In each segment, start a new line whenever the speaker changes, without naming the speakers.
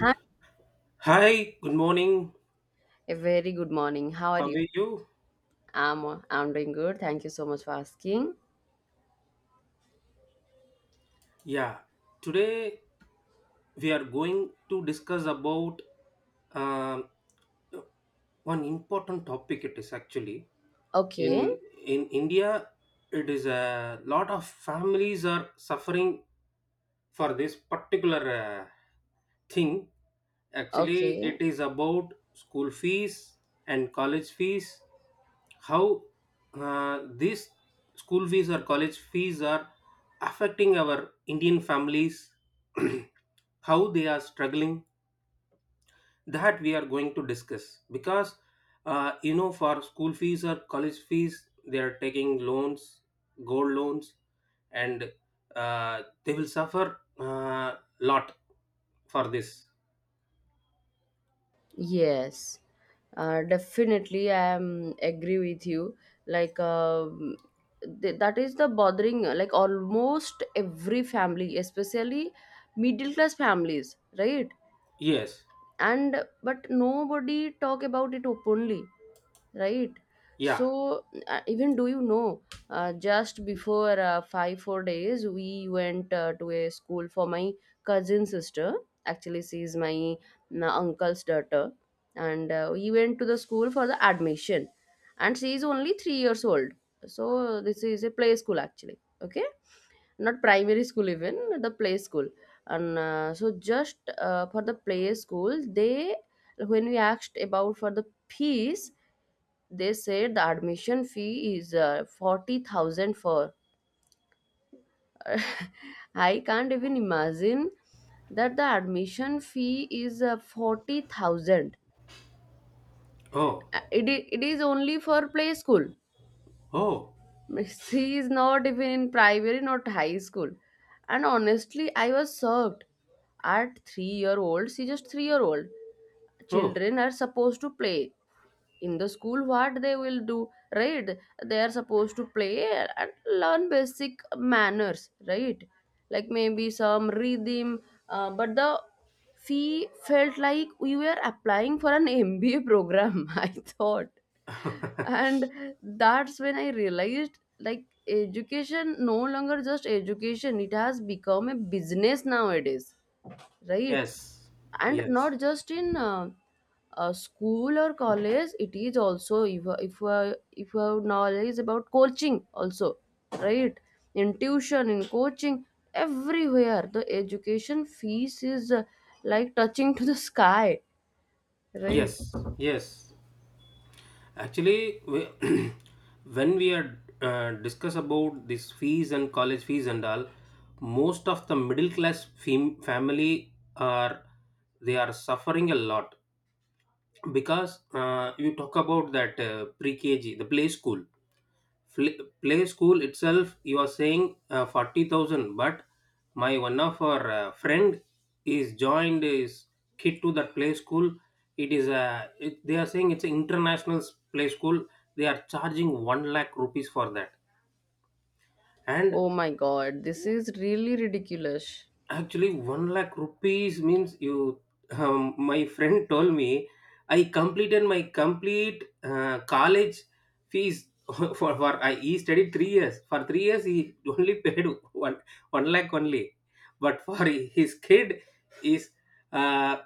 Hi,
Hi, good morning.
a very good morning. How are
How
you?
are you?
I'm I'm doing good. Thank you so much for asking.
Yeah, today we are going to discuss about um, one important topic. It is actually
Okay,
in in India. It is a lot of families are suffering for this particular thing. Actually,
okay.
it is about school fees and college fees. How these school fees or college fees are affecting our Indian families, how they are struggling, that we are going to discuss. Because, for school fees or college fees, they are taking loans, gold loans, and they will suffer a lot for this.
Yes. Definitely I am agree with you. Like that is the bothering like almost every family, especially middle class families, right?
Yes.
And but nobody talk about it openly, right?
Yeah.
So even do you know, just before 5 4 days we went to a school for my cousin sister. Actually she is my uncle's daughter, and we went to the school for the admission, and she is only 3 years old. So this is a play school actually, okay, not primary school, even the play school. And so just for the play school, they when we asked about for the fees, they said the admission fee is 40,000 for. I can't even imagine that the admission fee is 40,000.
Oh.
It is only for play school.
Oh,
She is not even in primary, not high school. And honestly, I was shocked. At 3 year old, she just 3 year old.
oh,
Children are supposed to play. In the school, what they will do, right? They are supposed to play and learn basic manners, right? Like maybe some rhythm. But the fee felt like we were applying for an MBA program. I thought. And that's when I realized, like, education no longer just education, it has become a business nowadays, right?
yes,
And
yes,
not just in school or college, it is also, if you have knowledge about coaching also, right? In tuition, in coaching, everywhere the education fees is, like, touching to the sky, right?
yes, yes. Actually, when we are discuss about this fees and college fees and all, most of the middle class family are they are suffering a lot, because you talk about that pre-KG, the play school. Play school itself you are saying 40,000, but my one of our friend is joined his kid to that play school. It is a it, They are saying it's an international play school. They are charging 1 lakh rupees for that. And
Oh my god, this is really ridiculous.
actually, 1 lakh rupees means you. My friend told me I completed my complete college fees for I he studied 3 years. For 3 years, he only paid one one lakh only, but for his kid is uh,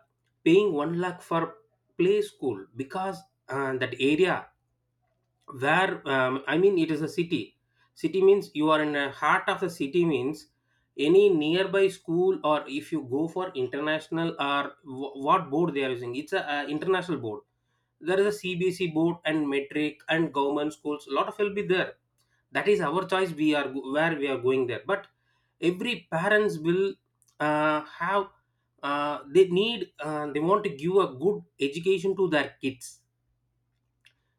paying 1 lakh for play school, because that area where I mean it is a city. City means you are in the heart of the city, means any nearby school, or if you go for international, or what board they are using. It's a international board. There is a cbc board and metric and government schools, a lot of will be there. That is our choice, where we are going there, but every parents will have, they need, they want to give a good education to their kids.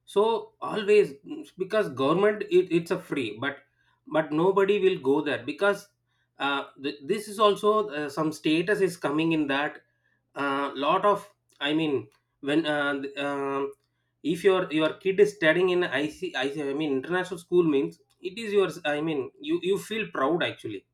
So always, because government it's a free, but nobody will go there, because this is also some status is coming in that. Lot of, I mean, when if your kid is studying in IC, IC I C, I mean international school, means it is yours, I mean you feel proud actually.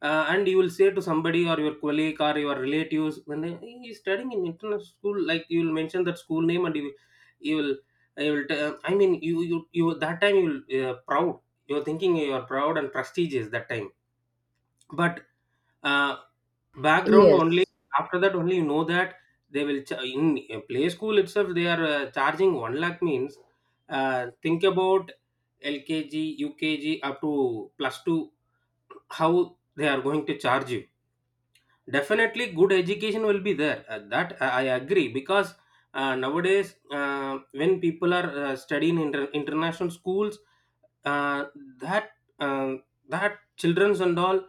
And you will say to somebody or your colleague or your relatives, when he is studying in international school, like you will mention that school name, and you will, you will, I mean, you, that time you will, proud. You're thinking you are proud and prestigious that time. But, uh, background only,
Yes,
after that only you know that they will, in play school itself, they are charging 1 lakh means, think about LKG, UKG up to plus two, how they are going to charge you. Definitely, good education will be there. That I agree, because nowadays, when people are studying in international schools, uh, that uh, that childrens and all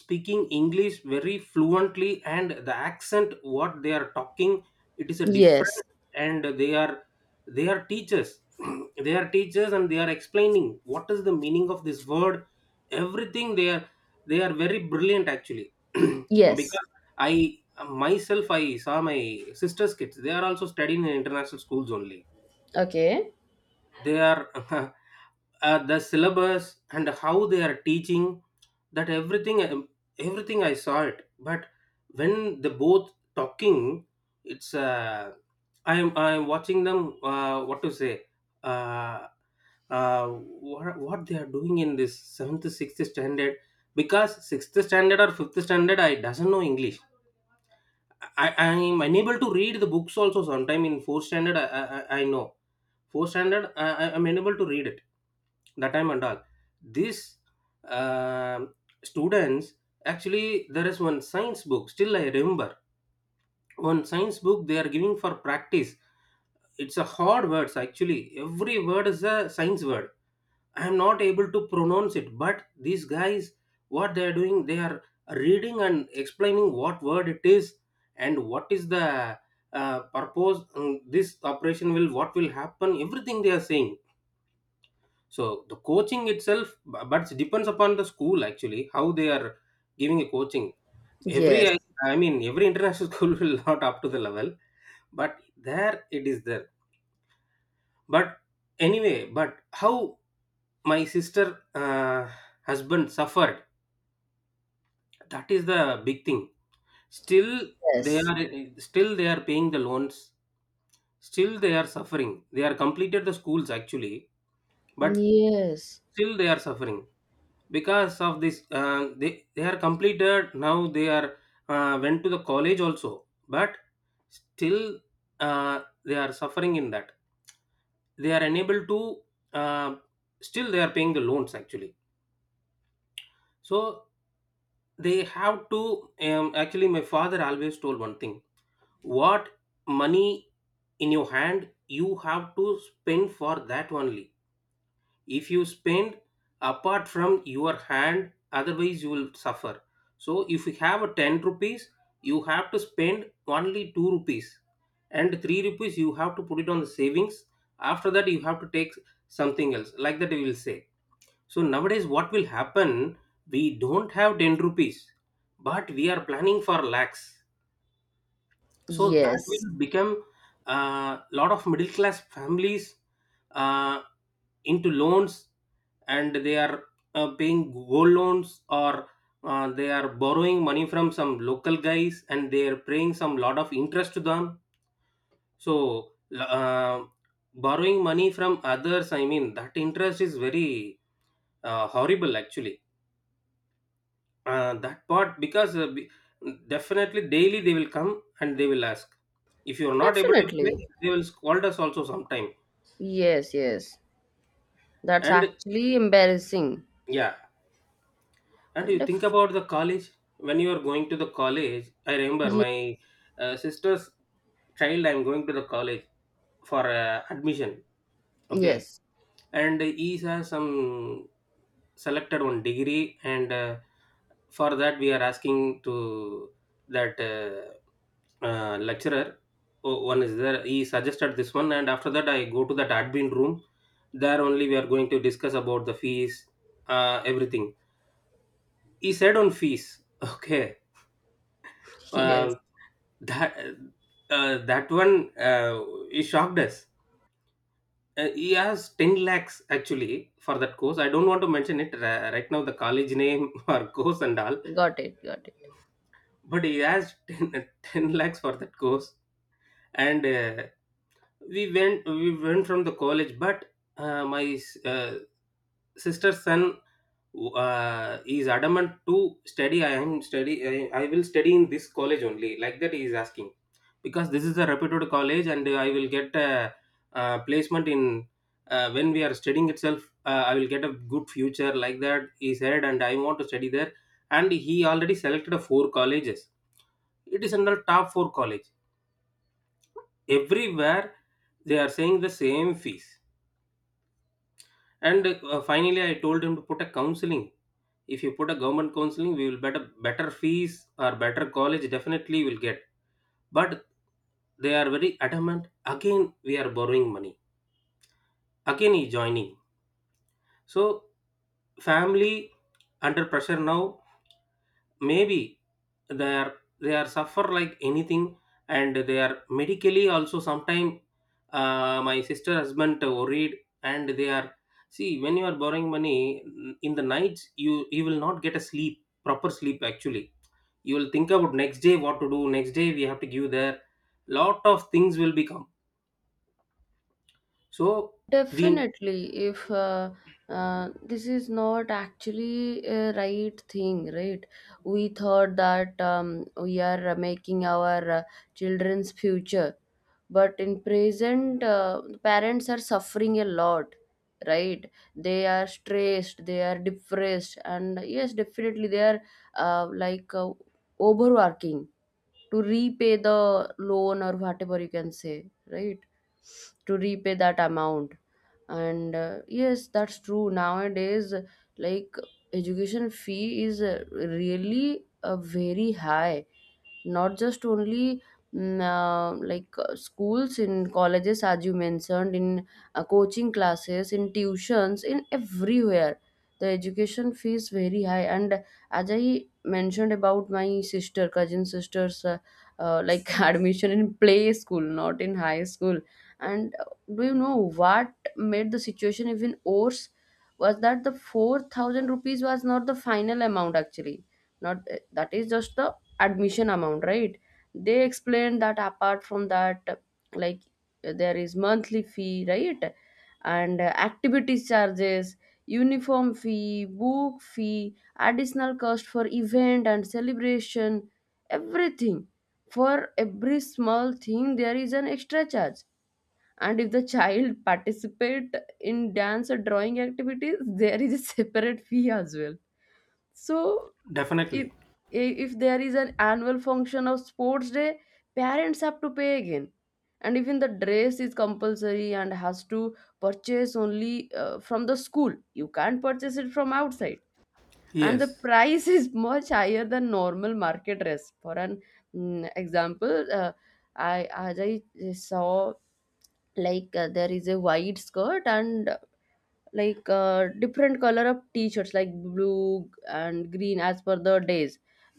speaking english very fluently, and the accent what they are talking, it is a different.
yes,
And they are teachers, they are teachers and they are explaining what is the meaning of this word. Everything they are, they are very brilliant actually.
yes.
Because I, myself, I saw my sister's kids. They are also studying in international schools only.
Okay.
They are the syllabus and how they are teaching, that everything, I saw it. But when they both talking, it's I am watching them, what to say, uh, what they are doing in this 7th, 6th standard. Because 6th standard or 5th standard, I doesn't know english. I am unable to read the books also sometime. In 4th standard, I know 4th standard. I'm unable to read it that time and all. These um students, actually, there is one science book, still I remember. One science book they are giving for practice. It's a hard words actually. Every word is a science word. I am not able to pronounce it, but these guys, what they are doing, they are reading and explaining what word it is and what is the purpose. This operation will, what will happen, everything they are saying. So the coaching itself, but it depends upon the school actually, how they are giving a coaching. Every
Yes,
I, I mean every international school will not up to the level, but there it is there. But anyway, but how my sister uh, husband suffered, that is the big thing. Still they
yes,
are Still they are paying the loans. Still they are suffering. They are completed the schools actually, but
yes,
still they are suffering because of this. They are completed, now they are went to the college also, but still they are suffering in that. They are unable to, uh, still they are paying the loans actually. So they have to, actually my father always told one thing. What money in your hand, you have to spend for that only. If you spend apart from your hand, otherwise you will suffer. So if you have a 10 rupees, you have to spend only 2 rupees, and 3 rupees you have to put it on the savings. After that you have to take something else, like that we will say. So nowadays what will happen, we don't have 10 rupees but we are planning for lakhs. So that
yes,
will become a lot of middle class families uh, into loans. And they are paying gold loans, or they are borrowing money from some local guys and they are paying some lot of interest to them. So uh, borrowing money from others, I mean, that interest is very horrible actually, that part. Because definitely daily they will come and they will ask, if you are not able to pay,
definitely.
they will scold us also sometime.
Yes, yes. That's
And
actually embarrassing.
yeah. And you think
Def-
about the college, when you are going to the college. I remember
ye-
my sister's child. I'm going to the college for admission. Okay,
yes,
and he has some selected one degree, and for that we are asking to that lecturer. Oh, one is there. He suggested this one, and after that I go to that admin room. There only we are going to discuss about the fees, everything. He said on fees. Okay, uh,
yes.
that that one, he shocked us. He has 10 lakhs actually for that course. I don't want to mention it right now, the college name or course and all,
Got it, got it.
but he has 10 10 lakhs for that course. And we went from the college, but my uh, sister's son is adamant to study. I will study in this college only, like that he is asking. Because this is a reputed college, and I will get a, placement in, when we are studying itself, I will get a good future, like that he said, and I want to study there. And he already selected a four colleges. It is under top four college. Everywhere they are saying the same fees. And finally I told him to put a counseling. If you put a government counseling, we will better fees or better college definitely will get. But they are very adamant, again we are borrowing money, again he joining. So family under pressure now, maybe they are suffer like anything. And they are medically also sometime, my sister husband worried. And they are, see when you are borrowing money, in the nights you will not get a sleep, proper sleep actually. You will think about next day what to do, next day we have to give there, lot of things will become. So we
Definitely, if this is not actually a right thing, right? We thought that we are making our children's future, but in present, parents are suffering a lot, right? They are stressed, they are depressed, and yes, definitely they are like, overworking to repay the loan, or whatever you can say, right? To repay that amount. And yes, that's true nowadays, like, education fee is really very high. Not just only, like, schools in colleges as you mentioned, in coaching classes, in tuitions, in everywhere the education fees very high. And as I mentioned about my sister, cousin sister's like, admission in play school, not in high school. And do you know what made the situation even worse was that the 4,000 rupees was not the final amount actually. Not that is just the admission amount, right? They explained that apart from that, like, there is monthly fee, right? And activities charges, uniform fee, book fee, additional cost for event and celebration, everything. For every small thing there is an extra charge. And if the child participate in dance or drawing activities, there is a separate fee as well. So if
definitely.
if there is an annual function of sports day, parents have to pay again. And even the dress is compulsory and has to purchase only from the school, you can't purchase it from outside. And the
Yes,
price is much higher than normal market dress. For an example, I as I saw, like, there is a wide skirt, and, like, different color of t-shirts, like blue and green as per the days.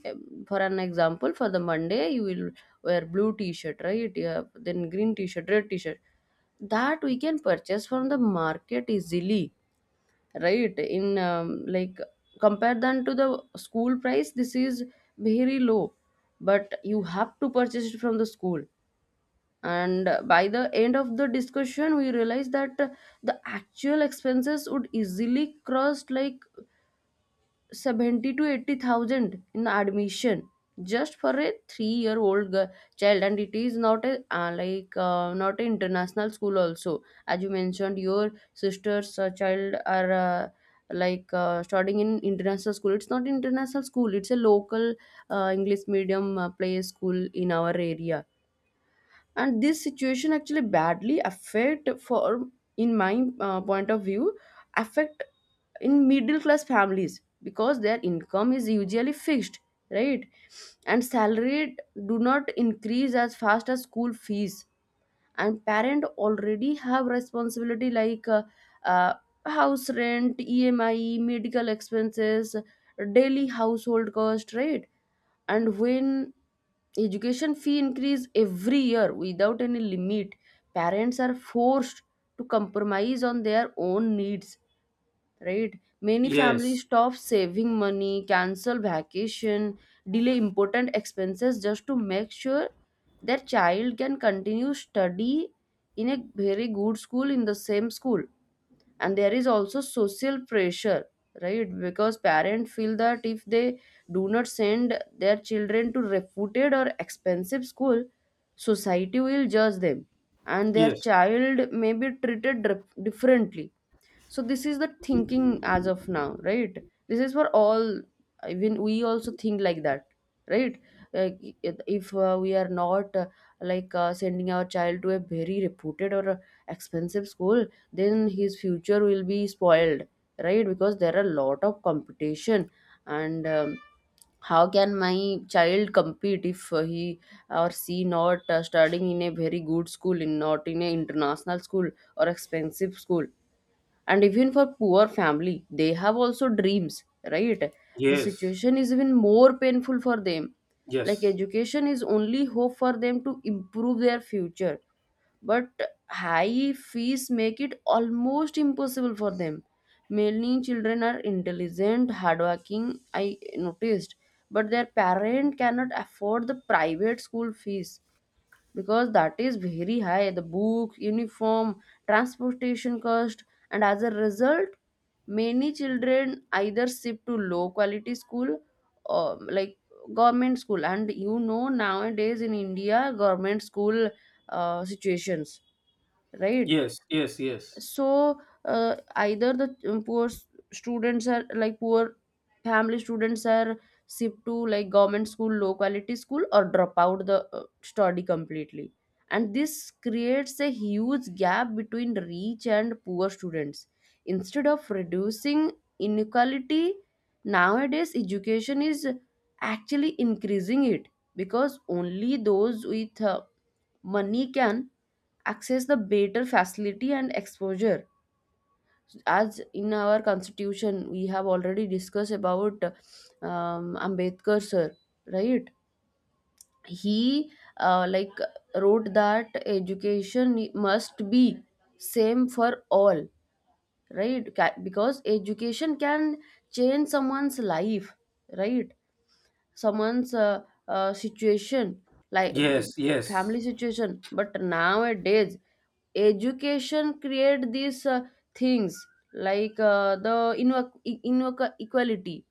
Um, for an example, for the Monday you will wear blue t-shirt, right? Yeah, then green t-shirt, red t-shirt. That we can purchase from the market easily, right? in Like, compare them to the school price, this is very low, but you have to purchase it from the school. And by the end of the discussion, we realized that the actual expenses would easily cross like 70 to 80,000 in admission, just for a 3-year-old child. And it is not a, like, not an international school also. As you mentioned, your sister's child are, like, studying in international school. It's not international school, it's a local English medium play school in our area. And this situation actually badly affect for, in my point of view, affect in middle class families, because their income is usually fixed, right? And salary do not increase as fast as school fees. And parent already have responsibility, like, uh, house rent, EMI, medical expenses, daily household cost, right? And when education fee increase every year without any limit, parents are forced to compromise on their own needs, right? Many
yes,
families stop saving money, cancel vacation, delay important expenses just to make sure their child can continue study in a very good school, in the same school. And there is also social pressure, right? Because parents feel that if they do not send their children to reputed or expensive school, society will judge them and their
yes,
child may be treated differently. So this is the thinking as of now, right? This is for all. Even we also think like that, right? uh, if, we are not, like, sending our child to a very reputed or expensive school, then his future will be spoiled, right? Because there are a lot of competition. And how can my child compete if he or she not studying in a very good school, in not in a international school or expensive school? And even for poor family, they have also dreams, right? The
yes,
situation is even more painful for them. Like,
yes,
education is only hope for them to improve their future, but high fees make it almost impossible for them. Many children are intelligent, hardworking, I noticed, but their parent cannot afford the private school fees, because that is very high, the book, uniform, transportation cost. And as a result, many children either shift to low quality school, or like government school. And you know, nowadays in India government school situations, right?
yes, yes, yes,
So either the, students are, like, poor family students are shipped to like government school, low quality school, or drop out the study completely. And this creates a huge gap between rich and poor students. Instead of reducing inequality, nowadays education is actually increasing it, because only those with money can access the better facility and exposure. As in our constitution, we have already discussed about, Ambedkar sir, right? He, like, wrote that education must be same for all, right? Because education can change someone's life, right? Someone's situation, like
yes, yes.
family situation. But nowadays education create these things, like, equality.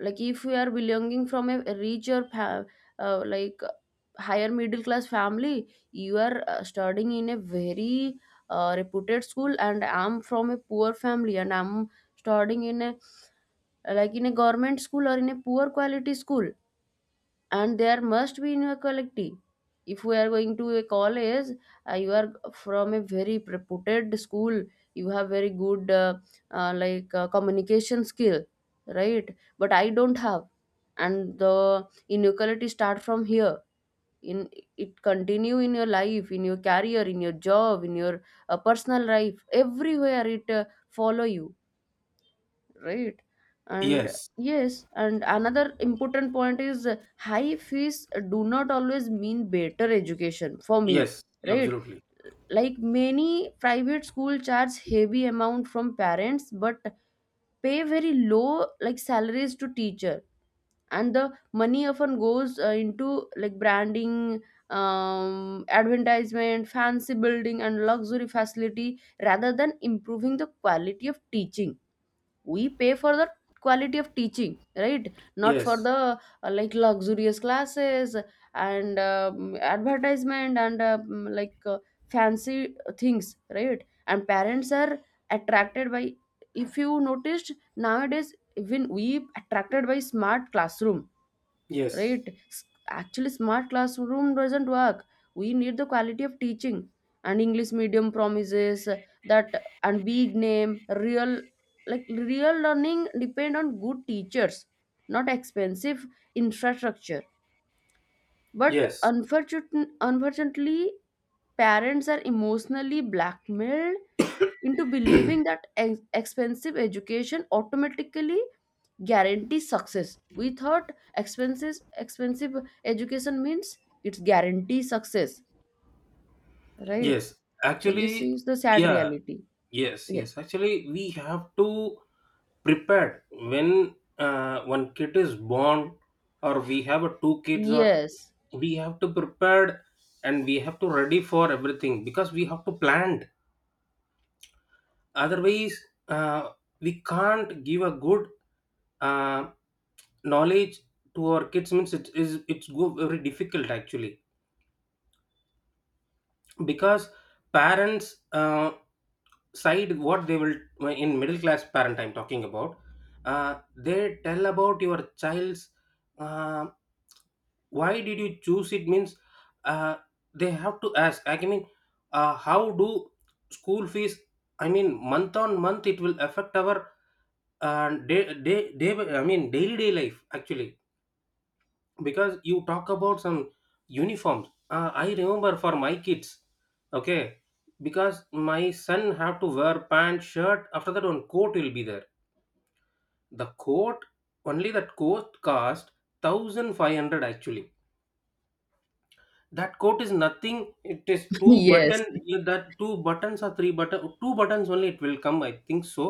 Like, if we are belonging from a like, higher middle class family, you are studying in a very reputed school, and I'm from a poor family, and I'm studying in a, like, in a government school, or in a poor quality school, and there must be inequality. If we are going to a college, you are from a very reputed school, you have very good like, communication skill, right? But I don't have. And the inequality start from here. In It continue in your life, in your career, in your job, in your personal life, everywhere it follow you, right? And
Yes,
yes, and another important point is, high fees do not always mean better education, for me,
yes,
right?
absolutely.
Like, many private school charge heavy amount from parents, but pay very low, like, salaries to teacher. And the money often goes into, like, branding, advertisement, fancy building, and luxury facility, rather than improving the quality of teaching. We pay for the quality of teaching, right? Not for
Yes,
the like, luxurious classes, and advertisement, and like, fancy things, right? And parents are attracted by, if you noticed nowadays even we attracted by smart classroom, right?
yes,
Actually, smart classroom doesn't work. We need the quality of teaching, and English medium promises that. And big name, real, like, real learning depend on good teachers, not expensive infrastructure. But
yes,
unfortunately, unfortunately, parents are emotionally blackmailed into believing that expensive education automatically guarantees success. We thought expenses, expensive education means it's guarantee success, right?
yes.
So this
Actually,
is the sad
yeah,
reality.
yes, yes.
Yes.
Actually, we have to prepare when one kid is born, or we have a two kids, or
Yes.
we have to prepared and we have to ready for everything, because we have to plan. Otherwise, uh, we can't give a good uh, knowledge to our kids. Means it is it's go very difficult actually, because parents side, what they will — in middle class parent I'm talking about — they tell about your child's, uh, why did you choose it means, uh, they have to ask, I mean, how do school fees, I mean, month on month it will affect our day, I mean, daily day life actually. Because you talk about some uniforms, I remember for my kids. Okay, because my son have to wear pants shirt, after that one coat will be there. The coat, only that coat cost 1500 actually. That coat is nothing, it is two button,
Yes.
yeah, that two buttons or three button, two buttons only it will come, I think so.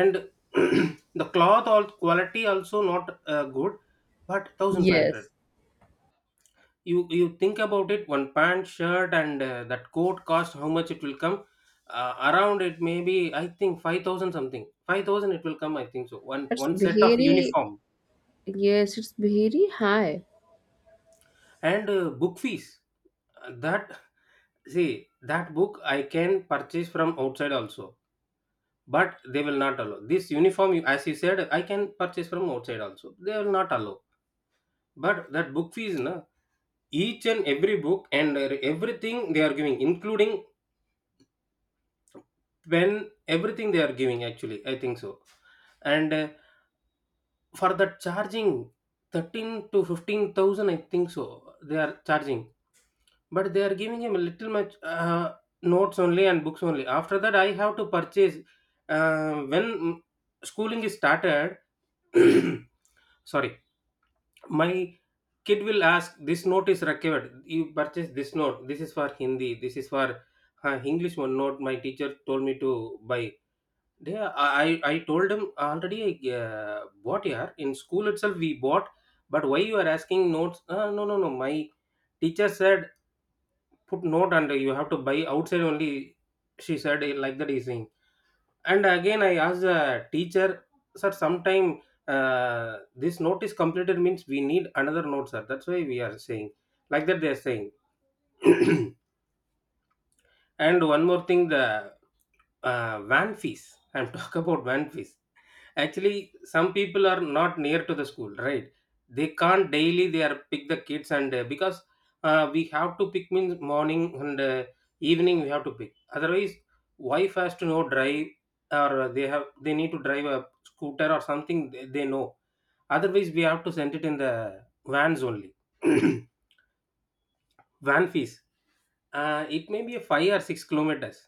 And the cloth all quality also not good, but 1500.
Yes.
You think about it, one pant shirt and that coat cost how much it will come? Around it maybe I think 5000 something, 5000 it will come I think so, one
It's
one set of
very,
uniform.
yes, it's very high.
And book fees. That, see, that book I can purchase from outside also, but they will not allow this uniform, as you said I can purchase from outside also, they will not allow. But that book fees no, each and every book and everything they are giving including, when everything they are giving actually I think so. And for the charging 13 to 15,000 I think so, they are charging, but they are giving him a little much notes only and books only, after that I have to purchase when schooling is started. Sorry. My kid will ask, this note is recovered, you purchase this note, this is for Hindi, this is for English one note, my teacher told me to buy. Yeah, I told him already. I bought, yeah, in school itself we bought, but why you are asking notes? No, no, no. My teacher said, put note under. You have to buy outside only. She said it like that, he's saying. And again I asked the teacher, sir. Sometime this note is completed means we need another note, sir. That's why we are saying like that, they are saying. And one more thing, the van fees. I'm talking about van fees. Actually, some people are not near to the school, right? They can't daily. They are pick the kids and because we have to pick means morning and evening we have to pick. Otherwise, wife has to know drive or they need to drive a scooter or something, they know. Otherwise, we have to send it in the vans only. Van fees. It may be a 5 or 6 kilometers.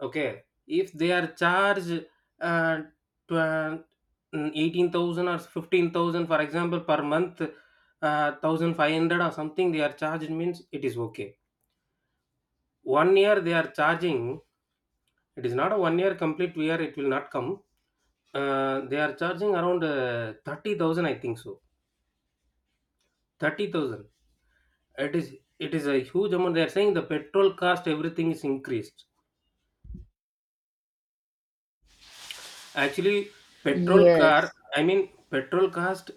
Okay, if they are charged uh, tw- 18,000 or 15,000, for example, per month, 1,500 or something, they are charged means it is okay. One year they are charging, it is not a one year complete year, it will not come. They are charging around 30,000, I think so. 30,000. It is a huge amount. They are saying the petrol cost, everything is increased. Actually, petrol car,
Yes.
I mean, petrol cost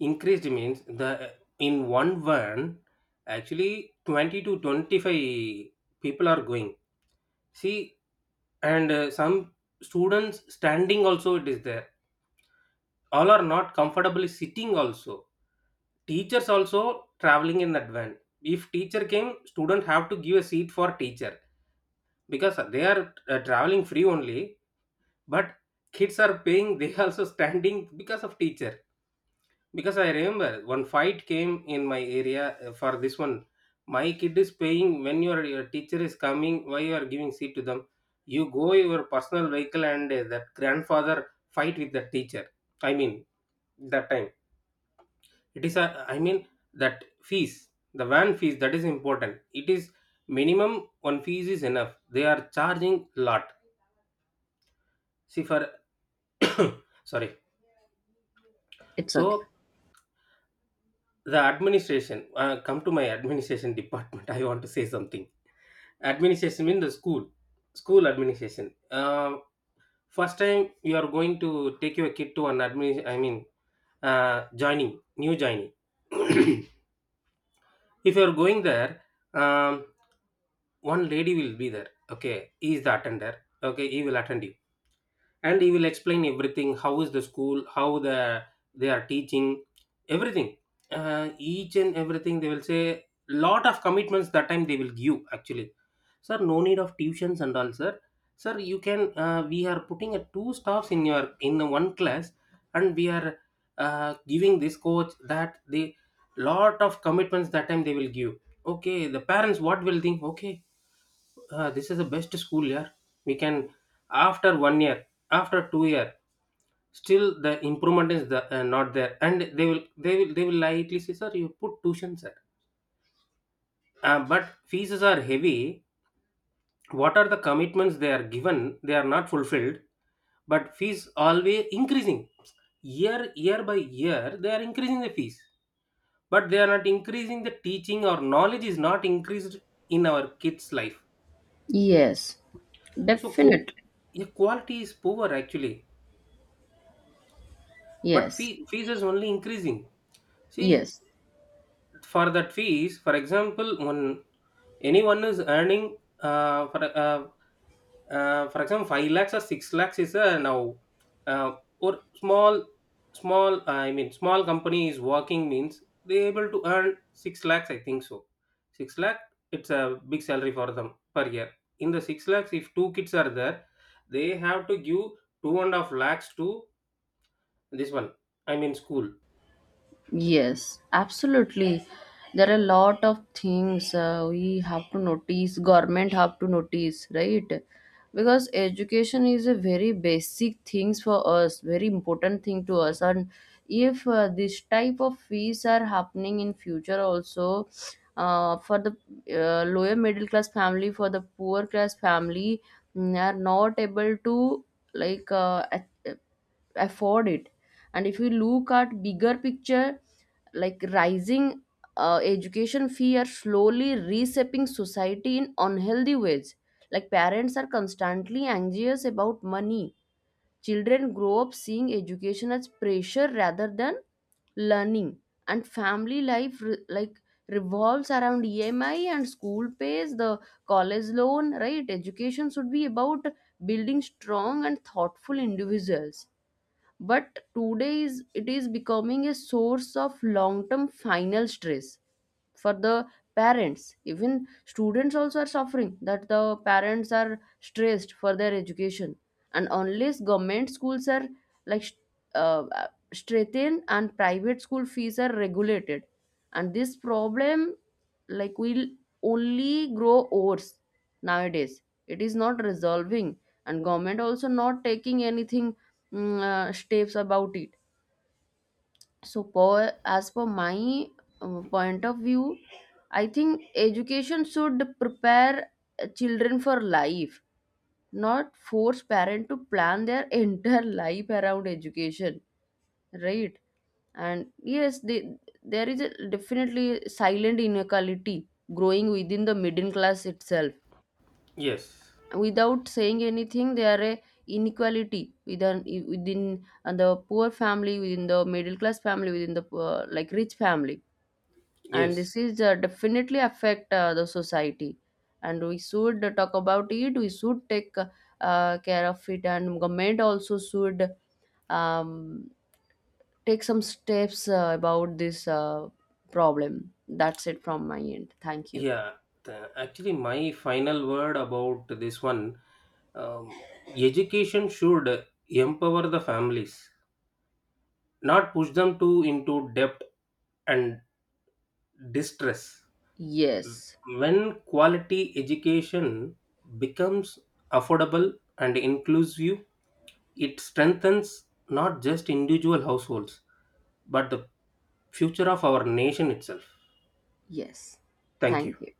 increased means the, in one van, actually 20 to 25 people are going. See, and some students standing also it is there. All are not comfortably sitting also. Teachers also traveling in that van. If teacher came, student have to give a seat for teacher, because they are traveling free only, but kids are paying, they also standing because of teacher. Because I remember one fight came in my area for this one. My kid is paying, when your teacher is coming, why you are giving seat to them? You go your personal vehicle, and that grandfather fight with the teacher, I mean, that time. It is, a, I mean, that fees, the van fees, that is important. It is minimum one fees is enough. They are charging lot. See for, sorry.
It's okay.
So the administration, come to my administration department. I want to say something. Administration means the school, school administration. First time you are going to take your kid to an admin, I mean, joining, new joining. If you are going there, um, one lady will be there. Okay, he is the attender. Okay, he will attend you, and he will explain everything, how is the school, how the they are teaching everything, each and everything they will say, lot of commitments that time they will give actually. Sir, no need of tuitions and all, sir. Sir, you can we are putting a two staffs in your, in the one class, and we are giving this coach that the, lot of commitments that time they will give. Okay, the parents what will think, okay. Ah, this is the best school year. We can, after one year, after 2 year, still the improvement is the, not there, and they will lightly say, sir, you put tuition, sir. But fees are heavy. What are the commitments they are given? They are not fulfilled, but fees always increasing. Year by year, they are increasing the fees, but they are not increasing the teaching, or knowledge is not increased in our kids' life.
Yes,
So,
definite.
yeah, quality is poor actually, but
Yes,
fees is only increasing. See,
yes.
for that fees, for example, when anyone is earning for example 5 lakhs or 6 lakhs is a now, or small, I mean small company is working means they able to earn 6 lakhs I think so, 6 lakh, it's a big salary for them per year. In the 6 lakhs, if two kids are there, they have to give 2.5 lakhs to this one, I mean school.
Yes, absolutely. There are a lot of things we have to notice, government have to notice, right? Because education is a very basic things for us, very important thing to us. And if this type of fees are happening in future also, for the lower middle class family, for the poor class family, are not able to, like uh, at- afford it. And if you look at bigger picture, like, rising education fee are slowly reshaping society in unhealthy ways. Like, parents are constantly anxious about money, children grow up seeing education as pressure rather than learning, and family life like, revolves around EMI and school pays, the college loan, right? Education should be about building strong and thoughtful individuals, but today is, it is becoming a source of long term final stress for the parents. Even students also are suffering that the parents are stressed for their education. And unless government schools are, like sh- strengthened, and private school fees are regulated, and this problem, like, will only grow worse. Nowadays it is not resolving, and government also not taking anything, steps about it. So per, as per my point of view, I think education should prepare children for life, not force parent to plan their entire life around education, right? And yes, they, there is a definitely silent inequality growing within the middle class itself,
Yes.
without saying anything. There are a inequality within, within the poor family, within the middle class family, within the like, rich family. And
Yes,
this is definitely affect the society. And we should talk about it, we should take care of it, and government also should, um, take some steps about this problem. That's it from my end, thank you.
yeah. Actually, my final word about this one. Um, education should empower the families, not push them to into debt and distress.
Yes,
When quality education becomes affordable and inclusive, it strengthens not just individual households, but the future of our nation itself.
yes.
Thank
Thank
you.
you.